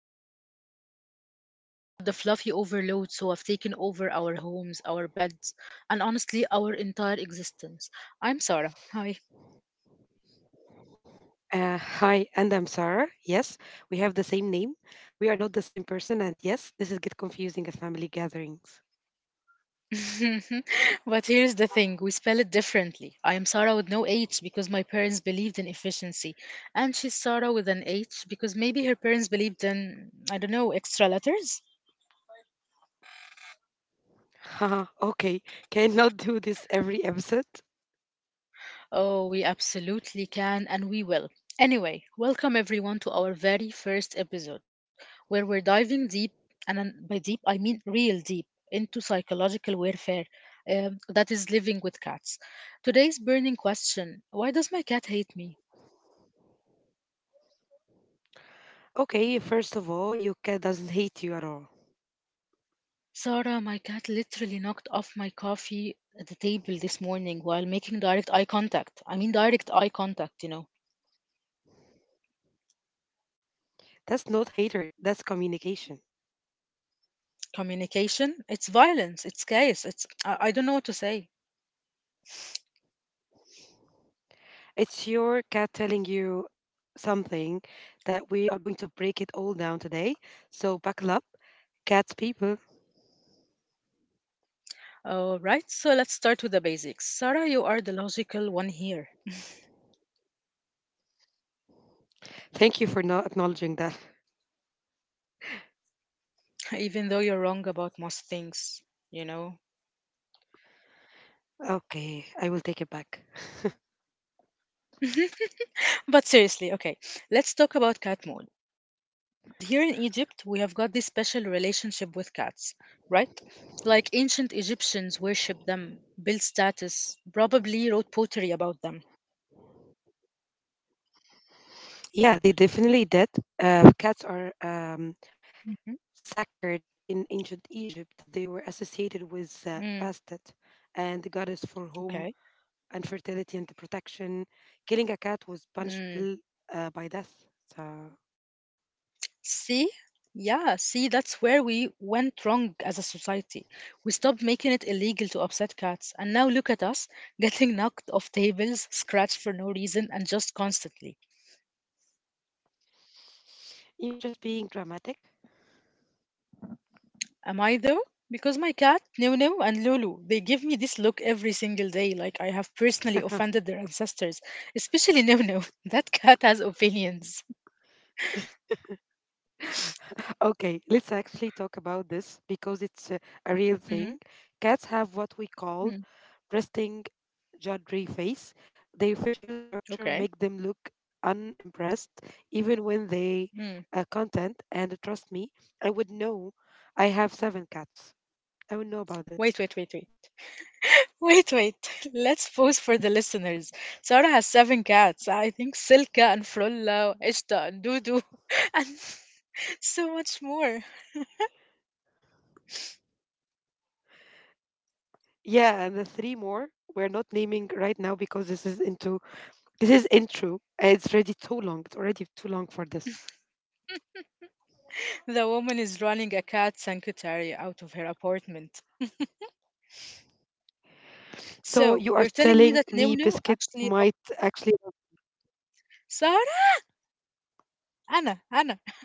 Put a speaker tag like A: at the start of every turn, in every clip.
A: Life, the podcast where we talk about the fluffy overloads who have taken over our homes, our beds, and honestly, our entire existence. I'm Sarah. Hi.
B: Hi, and I'm Sarah. Yes, we have the same name. We are not the same person, and yes, this is get confusing at family gatherings.
A: But here's the thing, we spell it differently. I am Sarah with no H because my parents believed in efficiency, and she's Sarah with an H because maybe her parents believed in, I don't know, extra letters.
B: Haha, okay, cannot do this every episode.
A: Oh, we absolutely can and we will. Anyway, welcome everyone to our very first episode where we're diving deep, and by deep I mean real deep, into psychological warfare that is living with cats. Today's burning question: why does my cat hate me?
B: Okay, first of all, your cat doesn't hate you at all.
A: Sarah, my cat literally knocked off my coffee at the table this morning while making direct eye contact. I mean, direct eye contact.
B: That's not hatred, that's communication.
A: Communication, it's violence, it's chaos, it's. I don't know what to say.
B: It's your cat telling you something that we are going to break it all down today. So buckle up, cat people.
A: All right, so let's start with the basics. Sarah, you are the logical one here,
B: Thank you for not acknowledging that.
A: even though you're wrong about most things, you know.
B: Okay, I will take it back.
A: But seriously, okay, let's talk about cat moods because here in Egypt we have got this special relationship with cats, right? Like ancient Egyptians worshipped them, built status, probably wrote poetry about them.
B: Yeah, they definitely did. Cats are
A: Hmm.
B: sacred in ancient Egypt. They were associated with
A: Mm,
B: Bastet and the goddess for home
A: okay.
B: and fertility and protection. Killing a cat was punishable
A: Mm.
B: by death. So.
A: See? Yeah, see, that's where we went wrong as a society. We stopped making it illegal to upset cats, and now look at us getting knocked off tables, scratched for no reason, and just constantly.
B: You're just being dramatic.
A: Am I though? Because my cat, Nunu and Lulu, they give me this look every single day, like I have personally offended their ancestors, especially Nunu. That cat has opinions.
B: Okay, let's actually talk about this because it's a real thing.
A: Mm-hmm.
B: Cats have what we call resting juddery face. Their facial structure make
A: Okay.
B: them look unimpressed even when they are
A: Mm.
B: content, and trust me, I would know. I have seven cats. I would know about that.
A: Wait, wait, wait, wait. Wait, wait. Let's pause for the listeners. Sarah has seven cats. I think Silka and Frulla, Ishta and Dudu, and so much more.
B: Yeah, and the three more we're not naming right now because this is intro, and it's already too long for this.
A: The woman is running a cat sanctuary out of her apartment.
B: So
A: So,
B: you are
A: you're telling me
B: telling
A: that
B: me
A: Nunu
B: Biscuit
A: actually loved
B: might actually
A: Sarah? أنا أنا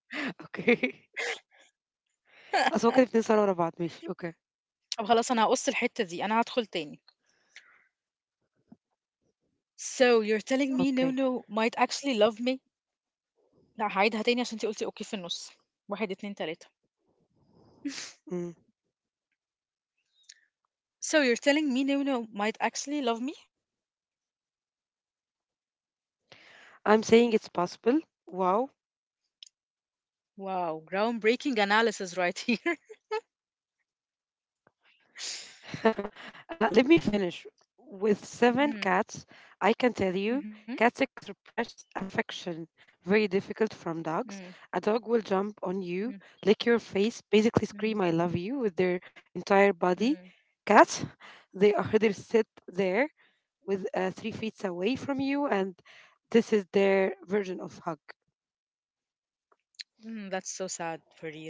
B: okay. اصل هو كده بنسأل ورا بعض ماشي اوكي
A: طب خلاص أنا هقص الحتة دي أنا هدخل تاني. So, you're telling me
B: اوكي.
A: Nunu might actually love me? لا هعيدها تاني عشان انتي قلتي اوكي في النص. واحد اتنين تلاتة.
B: Mm.
A: So you're telling me Nunu might actually love me?
B: I'm saying it's possible. Wow.
A: Wow, groundbreaking analysis right here.
B: Let me finish. With seven
A: Mm,
B: cats, I can tell you,
A: mhm,
B: cats express affection very difficult from dogs.
A: mm,
B: A dog will jump on you,
A: mm,
B: lick your face, basically scream "I
A: mm,
B: love you" with their entire body.
A: mm,
B: Cats, they sit there with 3 feet away from you, and this is their version of hug.
A: that's so sad for real.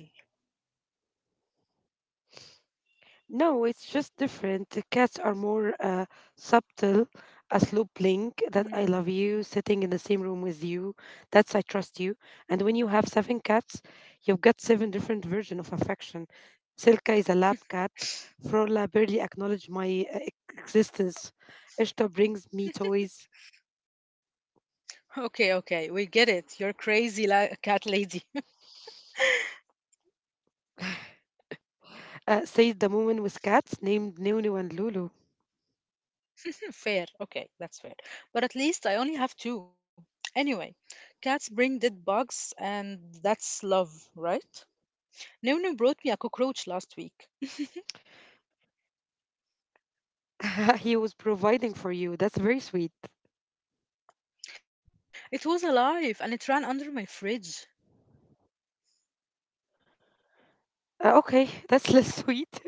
B: No, it's just different. The cats are more subtle. A slow blink that I love you,
A: Mm.
B: sitting in the same room with you, that's I trust you. And when you have seven cats, you've got seven different versions of affection. Silka is a lab cat. Frola barely acknowledges my existence. Ishta brings me toys.
A: Okay, okay, we get it. You're crazy cat lady.
B: Says the woman with cats named Nunu and Lulu.
A: Fair. Okay, that's fair. But at least I only have two. Anyway, cats bring dead bugs, and that's love, right? Nunu brought me a cockroach last week.
B: he was providing for you. That's very sweet.
A: It was alive and it ran under my fridge.
B: Okay, that's less sweet.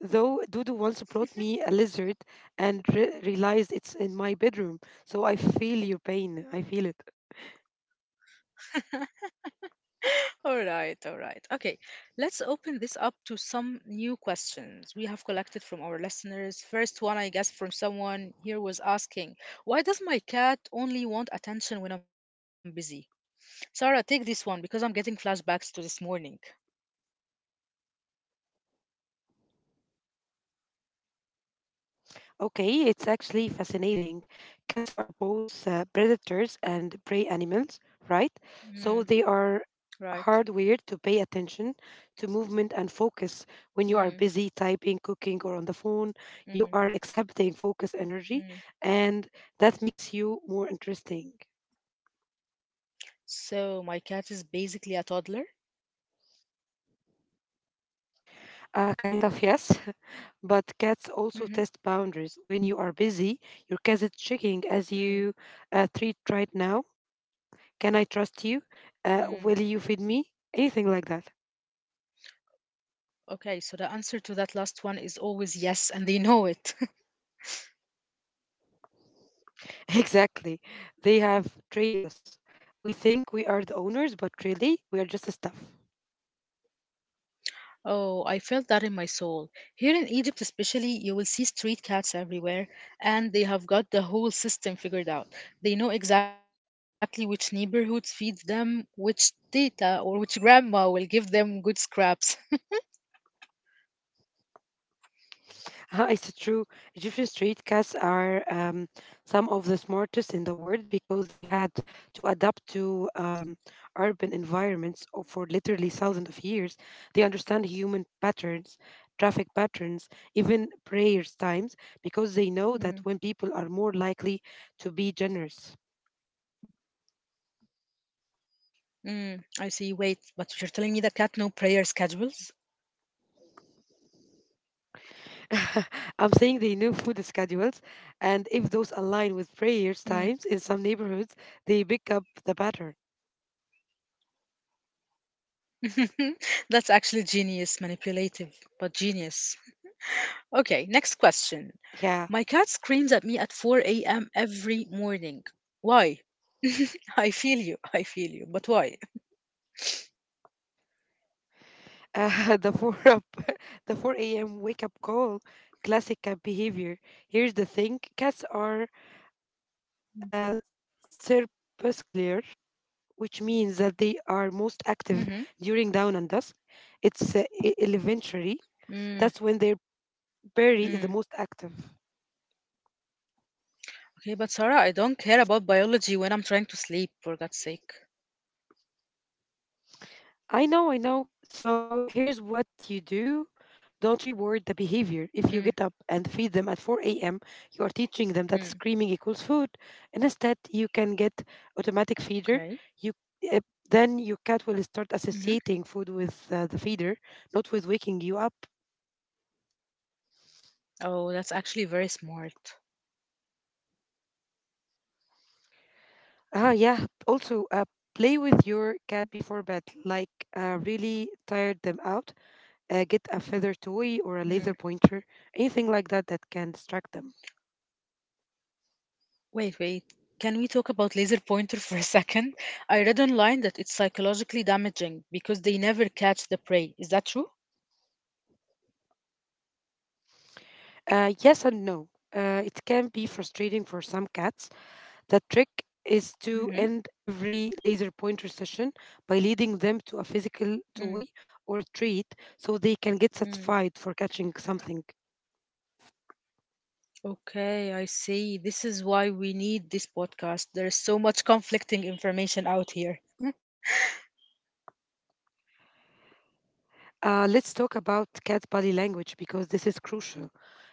B: Though Dudu once brought me a lizard and realized it's in my bedroom, so I feel your pain. I feel it.
A: All right, all right. Okay, let's open this up to some new questions we have collected from our listeners. First one, I guess, from someone here was asking, why does my cat only want attention when I'm busy? Sarah, take this one because I'm getting flashbacks to this morning.
B: Okay, it's actually fascinating. Cats are both predators and prey animals, right?
A: Mm,
B: So they are
A: right.
B: hardwired to pay attention to movement and focus. When you
A: Mm,
B: are busy typing, cooking, or on the phone,
A: mm,
B: you are exhibiting focus energy,
A: mm.
B: and that makes you more interesting.
A: So, my cat is basically a toddler?
B: Kind of, yes. But cats also
A: Mm-hmm.
B: test boundaries. When you are busy, your cat is checking as you
A: Mm,
B: treat right now. Can I trust you?
A: mm.
B: Will you feed me? Anything like that.
A: Okay, so the answer to that last one is always yes, and they know it.
B: Exactly. They have trained us. We think we are the owners, but really, we are just the stuff.
A: Oh, I felt that in my soul. Here in Egypt, especially, you will see street cats everywhere, and they have got the whole system figured out. They know exactly which neighborhoods feeds them, which tita or which grandma will give them good scraps.
B: Ah, it's true. Egyptian street cats are some of the smartest in the world because they had to adapt to urban environments for literally thousands of years. They understand human patterns, traffic patterns, even prayers times, because they know
A: Mm,
B: that when people are more likely to be generous.
A: mm, I see. Wait, but you're telling me the cat no prayer schedules?
B: I'm saying they know food schedules, and if those align with prayers times in some
A: Mm.
B: neighborhoods, they pick up the pattern.
A: That's actually genius, manipulative, but genius. Okay, next question. My
B: Yeah.
A: cat screams at me at 4 a.m. every morning. Why? I feel you. I feel you. But why?
B: Uh, the 4 up, the 4 a.m. wake up call, classic cat behavior. Here's the thing, cats are uh, crepuscular, which means that they are most
A: Mm-hmm.
B: active during dawn and dusk. It's elementary.
A: Mm,
B: That's when their berry is the
A: mm.
B: most active.
A: Okay, but Sarah, I don't care about biology when I'm trying to sleep, for God's sake.
B: I know, I know. So here's what you do. Don't reward the behavior. If you get up
A: Mm,
B: and feed them at 4 a.m., you are teaching them that
A: mm.
B: screaming equals food. And instead, you can get automatic
A: Okay.
B: feeder. You uh, then your cat will start
A: Mm-hmm.
B: associating food with the feeder, not with waking you up.
A: Oh, that's actually very smart.
B: Ah, yeah. Also, play with your cat before bed. Like, really tired them out. Get a feather toy or a
A: Mm.
B: laser pointer, anything like that that can distract them.
A: Wait, wait. Can we talk about laser pointer for a second? I read online that it's psychologically damaging because they never catch the prey. Is that true?
B: Yes and no. It can be frustrating for some cats. The trick is to
A: Mm-hmm.
B: end every laser pointer session by leading them to a physical toy or a treat so they can get
A: Mm-hmm.
B: satisfied for catching something.
A: Okay, I see. This is why we need this podcast. There's so much conflicting information out here.
B: Let's talk about cat body language because this is crucial.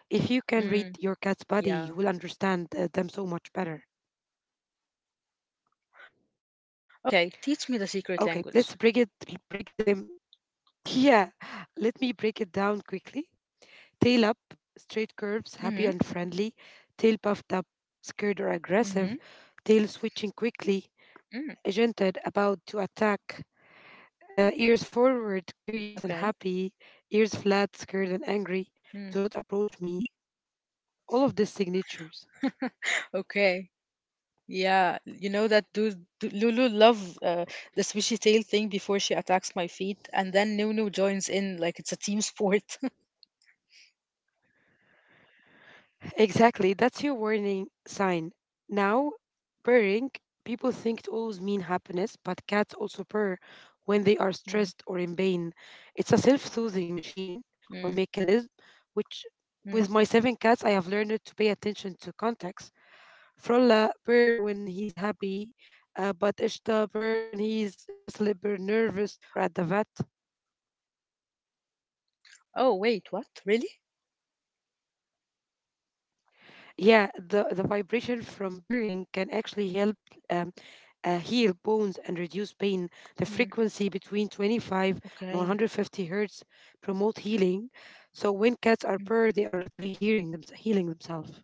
B: If you can read
A: Mm,
B: your cat's body,
A: yeah.
B: you will understand them so much better.
A: Okay, teach me the secret language.
B: Okay, let's break them. Yeah, let me break it down quickly. Tail up, straight curves,
A: Mm-hmm.
B: happy and friendly. Tail puffed up, scared or
A: Mm-hmm.
B: aggressive. Tail switching quickly,
A: Mm,
B: agented, about to attack. Ears forward, curious and
A: okay.
B: happy. Ears flat, scared and angry.
A: Mm.
B: Do not approach me. All of these signatures.
A: Okay. Yeah, you know that dude, Lulu love uh, the swishy tail thing before she attacks my feet, and then Nunu joins in like it's a team sport.
B: Exactly, that's your warning sign. Now, purring, people think it always mean happiness, but cats also purr when they are
A: Mm,
B: stressed or in pain. It's a self-soothing machine or
A: mm,
B: mechanism, which with my
A: mm.
B: seven cats, I have learned to pay attention to context. Frolla purr when he's happy, but Ishta purr when he's just a little bit nervous or at the vet.
A: Oh, wait, what? Really?
B: Yeah, the vibration from burning can actually help um, heal bones and reduce pain. The
A: Mm,
B: frequency between
A: okay.
B: 25 and 150 hertz promote healing. So when cats are
A: Mm,
B: burned, they are literally healing themselves.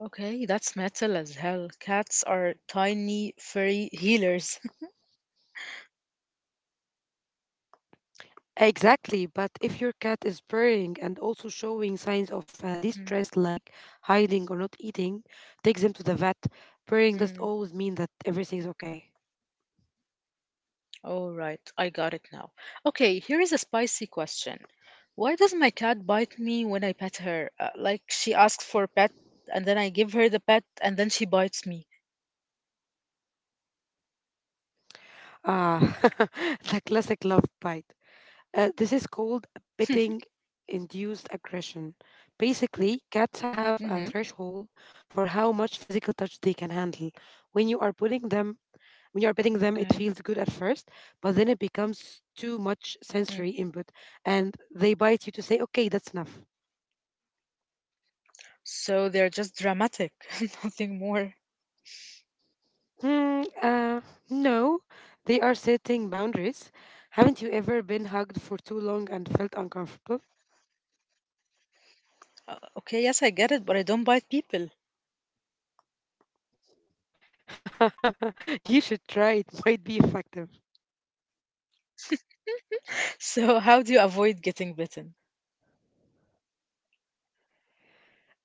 A: okay, that's metal as hell. Cats are tiny, furry healers.
B: Exactly, but if your cat is purring and also showing signs of
A: Mm,
B: distress like hiding or not eating, take them to the vet. Purring doesn't
A: mm.
B: always mean that everything's okay.
A: All right, I got it now. Okay, here is a spicy question. Why does my cat bite me when I pet her? Like she asks for pet, and then I give her the pet, and then she bites me.
B: Ah, the classic love bite. This is called petting induced aggression. Basically, cats have a
A: Mm-hmm.
B: threshold for how much physical touch they can handle. When you are putting them when you are
A: Okay.
B: petting them, it feels good at first, but then it becomes too much
A: Mm.
B: sensory input and they bite you to say, okay, that's enough.
A: So they're just dramatic, nothing more.
B: Hmm, uh, no, they are setting boundaries. Haven't you ever been hugged for too long and felt uncomfortable?
A: Okay, yes, I get it, but I don't bite people.
B: you should try it, might be effective.
A: So, how do you avoid getting bitten?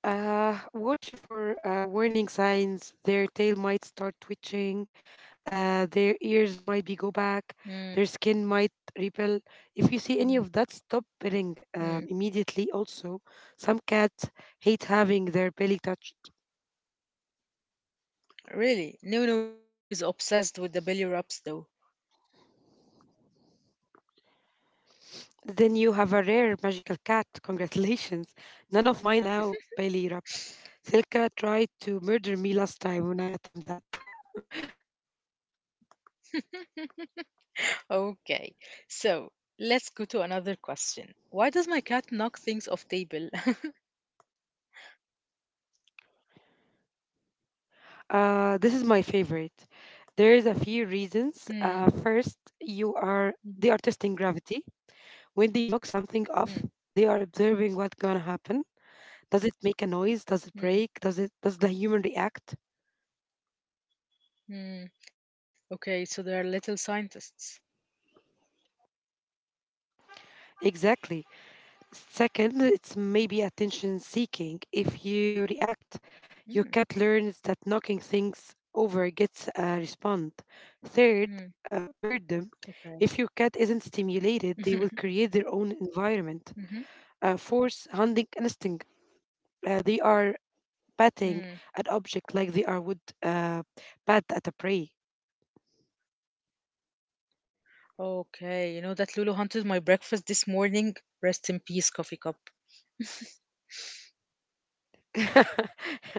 B: Watch for warning signs. Their tail might start twitching. Their ears might be go
A: Mm,
B: back. Their skin might repel. If you
A: mm,
B: see any of that, stop petting
A: mm.
B: immediately. Also, some cats hate having their belly touched.
A: Really? Nunu is obsessed with the belly rubs, though.
B: Then you have a rare magical cat. Congratulations. None of mine allow belly rubs. Silka tried to murder me last time when I attempted that.
A: Okay, so let's go to another question. Why does my cat knock things off table?
B: This is my favorite. There is a few reasons.
A: Hmm.
B: First, you are they are
A: Mhm.
B: testing gravity. When they knock something off, they
A: Mm.
B: are observing what's gonna happen. Does it make a noise? Does it break?
A: Mm.
B: Does the human react?
A: Mm. Okay, so they are little scientists.
B: Exactly. Second, it's maybe attention seeking. If you react, your
A: Mm.
B: cat learns that knocking things over gets a response. Third,
A: Mm.
B: boredom. If
A: Okay.
B: your cat isn't stimulated, they will create their own environment.
A: Mhm,
B: Force hunting instinct. They are patting
A: mm.
B: an object like they are would bat at a prey.
A: Okay, you know that Lulu hunted my breakfast this morning. Rest in peace, coffee cup.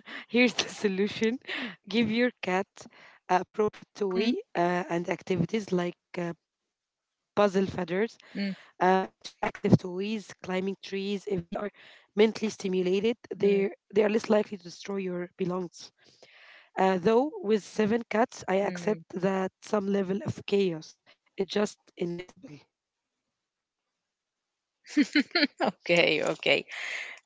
B: Here's the solution: give your cat appropriate
A: Mm.
B: toy and activities like puzzle feathers,
A: Mm.
B: interactive toys, climbing trees. If they are mentally stimulated,
A: Mm.
B: they are less likely to destroy your belongings. Though with seven cats, I
A: Mm.
B: accept that some level of chaos is just inevitable.
A: Okay, okay.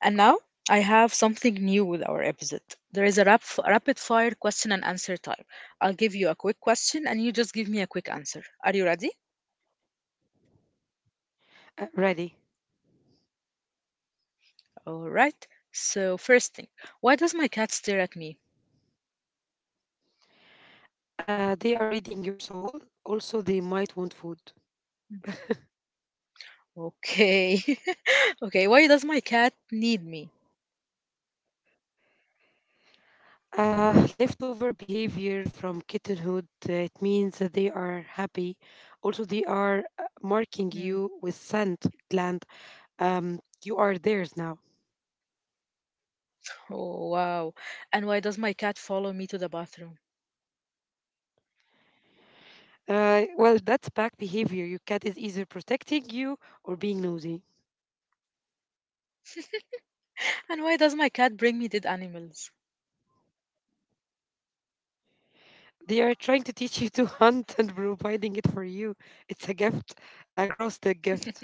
A: And now I have something new with our episode. There is a rapid fire question and answer time. I'll give you a quick question and you just give me a quick answer. Are you ready?
B: Ready.
A: All right. So, first thing, why does my cat stare at me?
B: They are reading your soul. Also, they might want food.
A: Okay. Okay, why does my cat need me?
B: Leftover behavior from kittenhood. It means that they are happy. Also, they are marking
A: Hmm.
B: you with sand gland. You are theirs now.
A: Oh, wow. And why does my cat follow me to the bathroom?
B: Well, that's bad behavior. Your cat is either protecting you or being nosy.
A: And why does my cat bring me dead animals?
B: They are trying to teach you to hunt and providing it for you. It's a gift, a gross dick gift.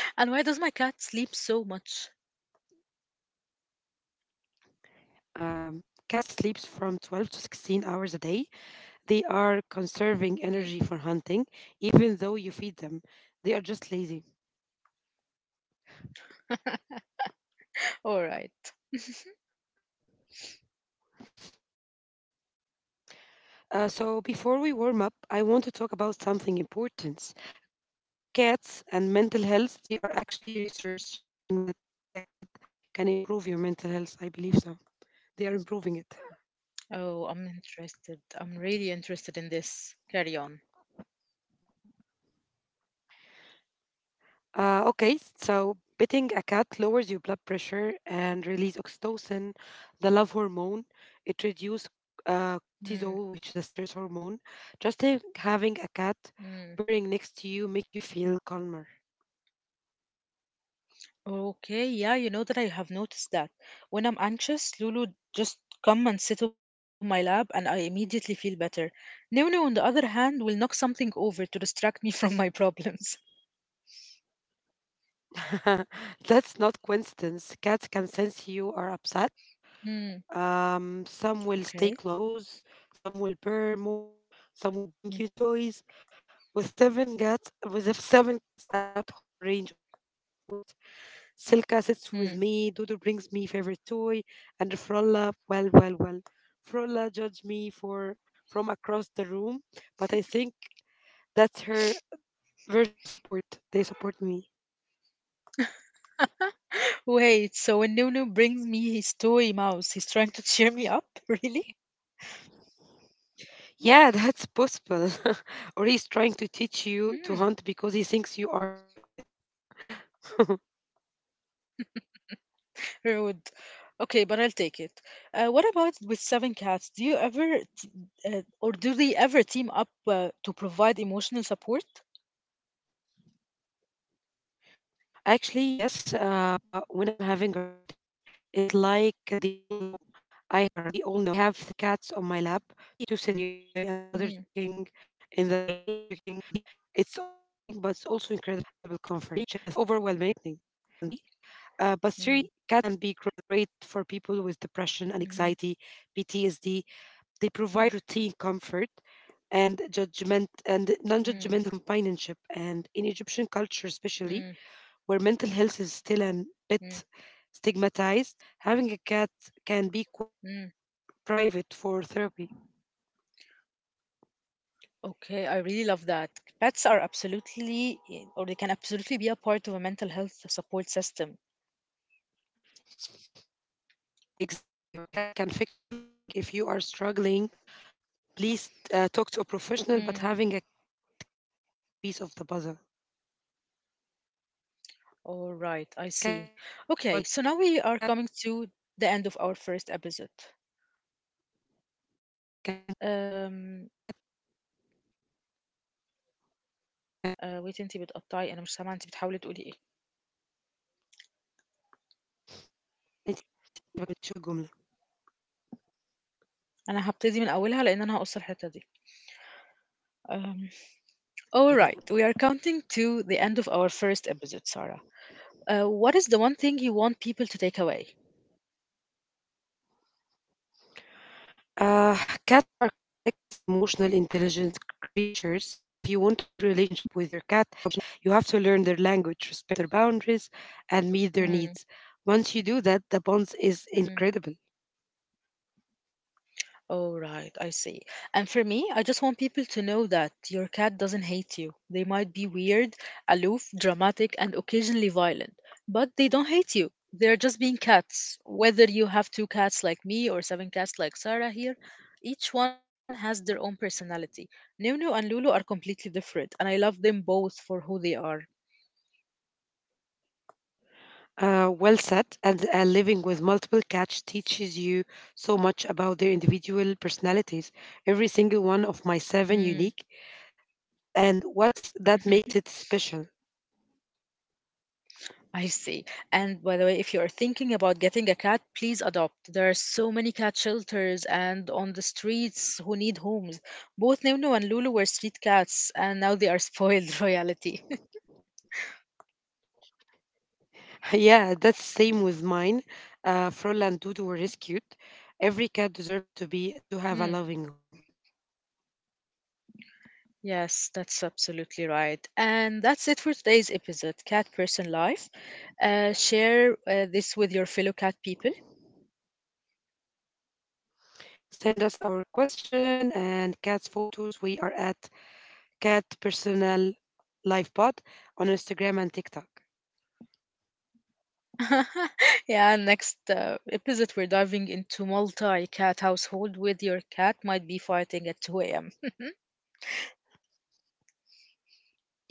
A: And why does my cat sleep so much?
B: Um, Cat sleeps from 12 to 16 hours a day. They are conserving
A: Hmm.
B: energy for hunting, even though you feed them. They are just lazy.
A: All right.
B: So, before we warm up, I want to talk about something important. Cats and mental health, they are actually research showing that having a cat can improve your mental health. I believe so. They are improving it.
A: Oh, I'm interested. I'm really interested in this. Carry on.
B: Okay, so petting a cat lowers your blood pressure and release oxytocin, the love hormone. It reduces
A: Mm,
B: cortisol, which is the stress hormone. Just having a cat
A: mm.
B: purring next to you make you feel calmer.
A: Okay, yeah, you know that I have noticed that. When I'm anxious, Lulu just come and sit on my lap and I immediately feel better. Nunu, on the other hand, will knock something over to distract me from my problems.
B: That's not coincidence. Cats can sense you are upset.
A: Mm,
B: Some will
A: okay.
B: stay close, some will purr more, some will bring you toys. With the seven cats, I got whole range of emotion support. Silka sits with
A: Hmm.
B: me. Dodo brings me favorite toy, and Frolla, well, well, well, Frolla judged me for from across the room, but I think that's her version of support. They support me.
A: Wait, so when Nunu brings me his toy mouse, he's trying to cheer me up? Really?
B: Yeah, that's possible. or he's trying to teach you to
A: Mm.
B: hunt because he thinks you are terrible at it.
A: Rude. Okay, but I'll take it. What about with seven cats? Do you ever, t- or do they ever team up to provide emotional support?
B: Actually, yes. When I'm having a rough day, it's like they all know. I have three cats on my lap, two sitting nearby and
A: Mm.
B: the other checking in the throughout the day. It's overwhelming, but it's also incredibly comforting. But seriously, cats can
A: Mm.
B: be great for people with depression and anxiety,
A: Mhm.
B: PTSD. They provide
A: Mm.
B: routine comfort and judgment and non-judgmental
A: Mm,
B: companionship. And in Egyptian culture, especially,
A: mm,
B: where mental health is still a bit
A: mm,
B: stigmatized, having a cat can be quite
A: mm.
B: private for therapy.
A: Okay, I really love that. Pets are absolutely, or they can absolutely be a part of a mental health support system.
B: Exactly, your cat can fix everything. If you are struggling, please talk to a professional, but having a cat can be one piece of the puzzle.
A: All right, I see. Okay, so now we are coming to the end of our first episode. أم آه، ويتي انتي بتقطعي انا مش سامعه انتي بتحاولي تقولي ايه
B: انت ما كملتش الجملة.
A: انا هبتدي من اولها لان انا هقص الحته دي um, all
B: Okay.
A: right, we are counting to the end of our first episode. Sarah, what is the one thing you want people to take away?
B: Uh, Cats are complex, emotional, intelligent creatures. If you want a good relationship with your cat, you have to learn their language, respect their boundaries, and meet their
A: Hmm,
B: needs. Once you do that, the bond is
A: hmm.
B: incredible.
A: Oh, right, I see. And for me, I just want people to know that your cat doesn't hate you. They might be weird, aloof, dramatic, and occasionally violent, but they don't hate you. They're just being cats. Whether you have two cats like me or seven cats like Sarah here, each one has their own personality. Nunu and Lulu are completely different, and I love them both for who they are.
B: Well said, and living with multiple cats teaches you so much about their individual personalities. Every single one of my
A: Mm.
B: seven unique, and what's that makes it special.
A: I see. And by the way, if you are thinking about getting a cat, please adopt. There are so many cat shelters and on the streets who need homes. Both Nunu and Lulu were street cats, and now they are spoiled royalty.
B: Yeah, that's same with mine. Frola and Dudu were rescued. Every cat deserves to be to
A: Hmm.
B: have a loving home.
A: Yes, that's absolutely right. And that's it for today's episode, Cat Person Life. Share this with your fellow cat people.
B: Send us our question and cats photos. We are at Cat Personal Life Pod on Instagram and TikTok.
A: Yeah, next episode we're diving into multi-cat household with your cat might be fighting at 2 a.m.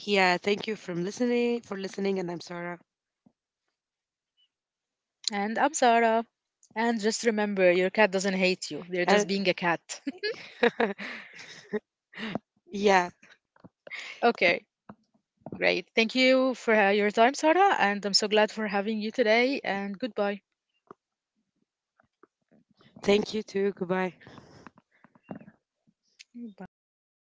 B: Yeah, thank you from listening for listening, and I'm Sarah.
A: And I'm Sarah. And just remember, your cat doesn't hate you. They're just
B: And
A: being a cat.
B: yeah,
A: Okay, great. Thank you for your time, Sarah, and I'm so glad for having you today and goodbye.
B: thank you too. Goodbye.
A: Bye.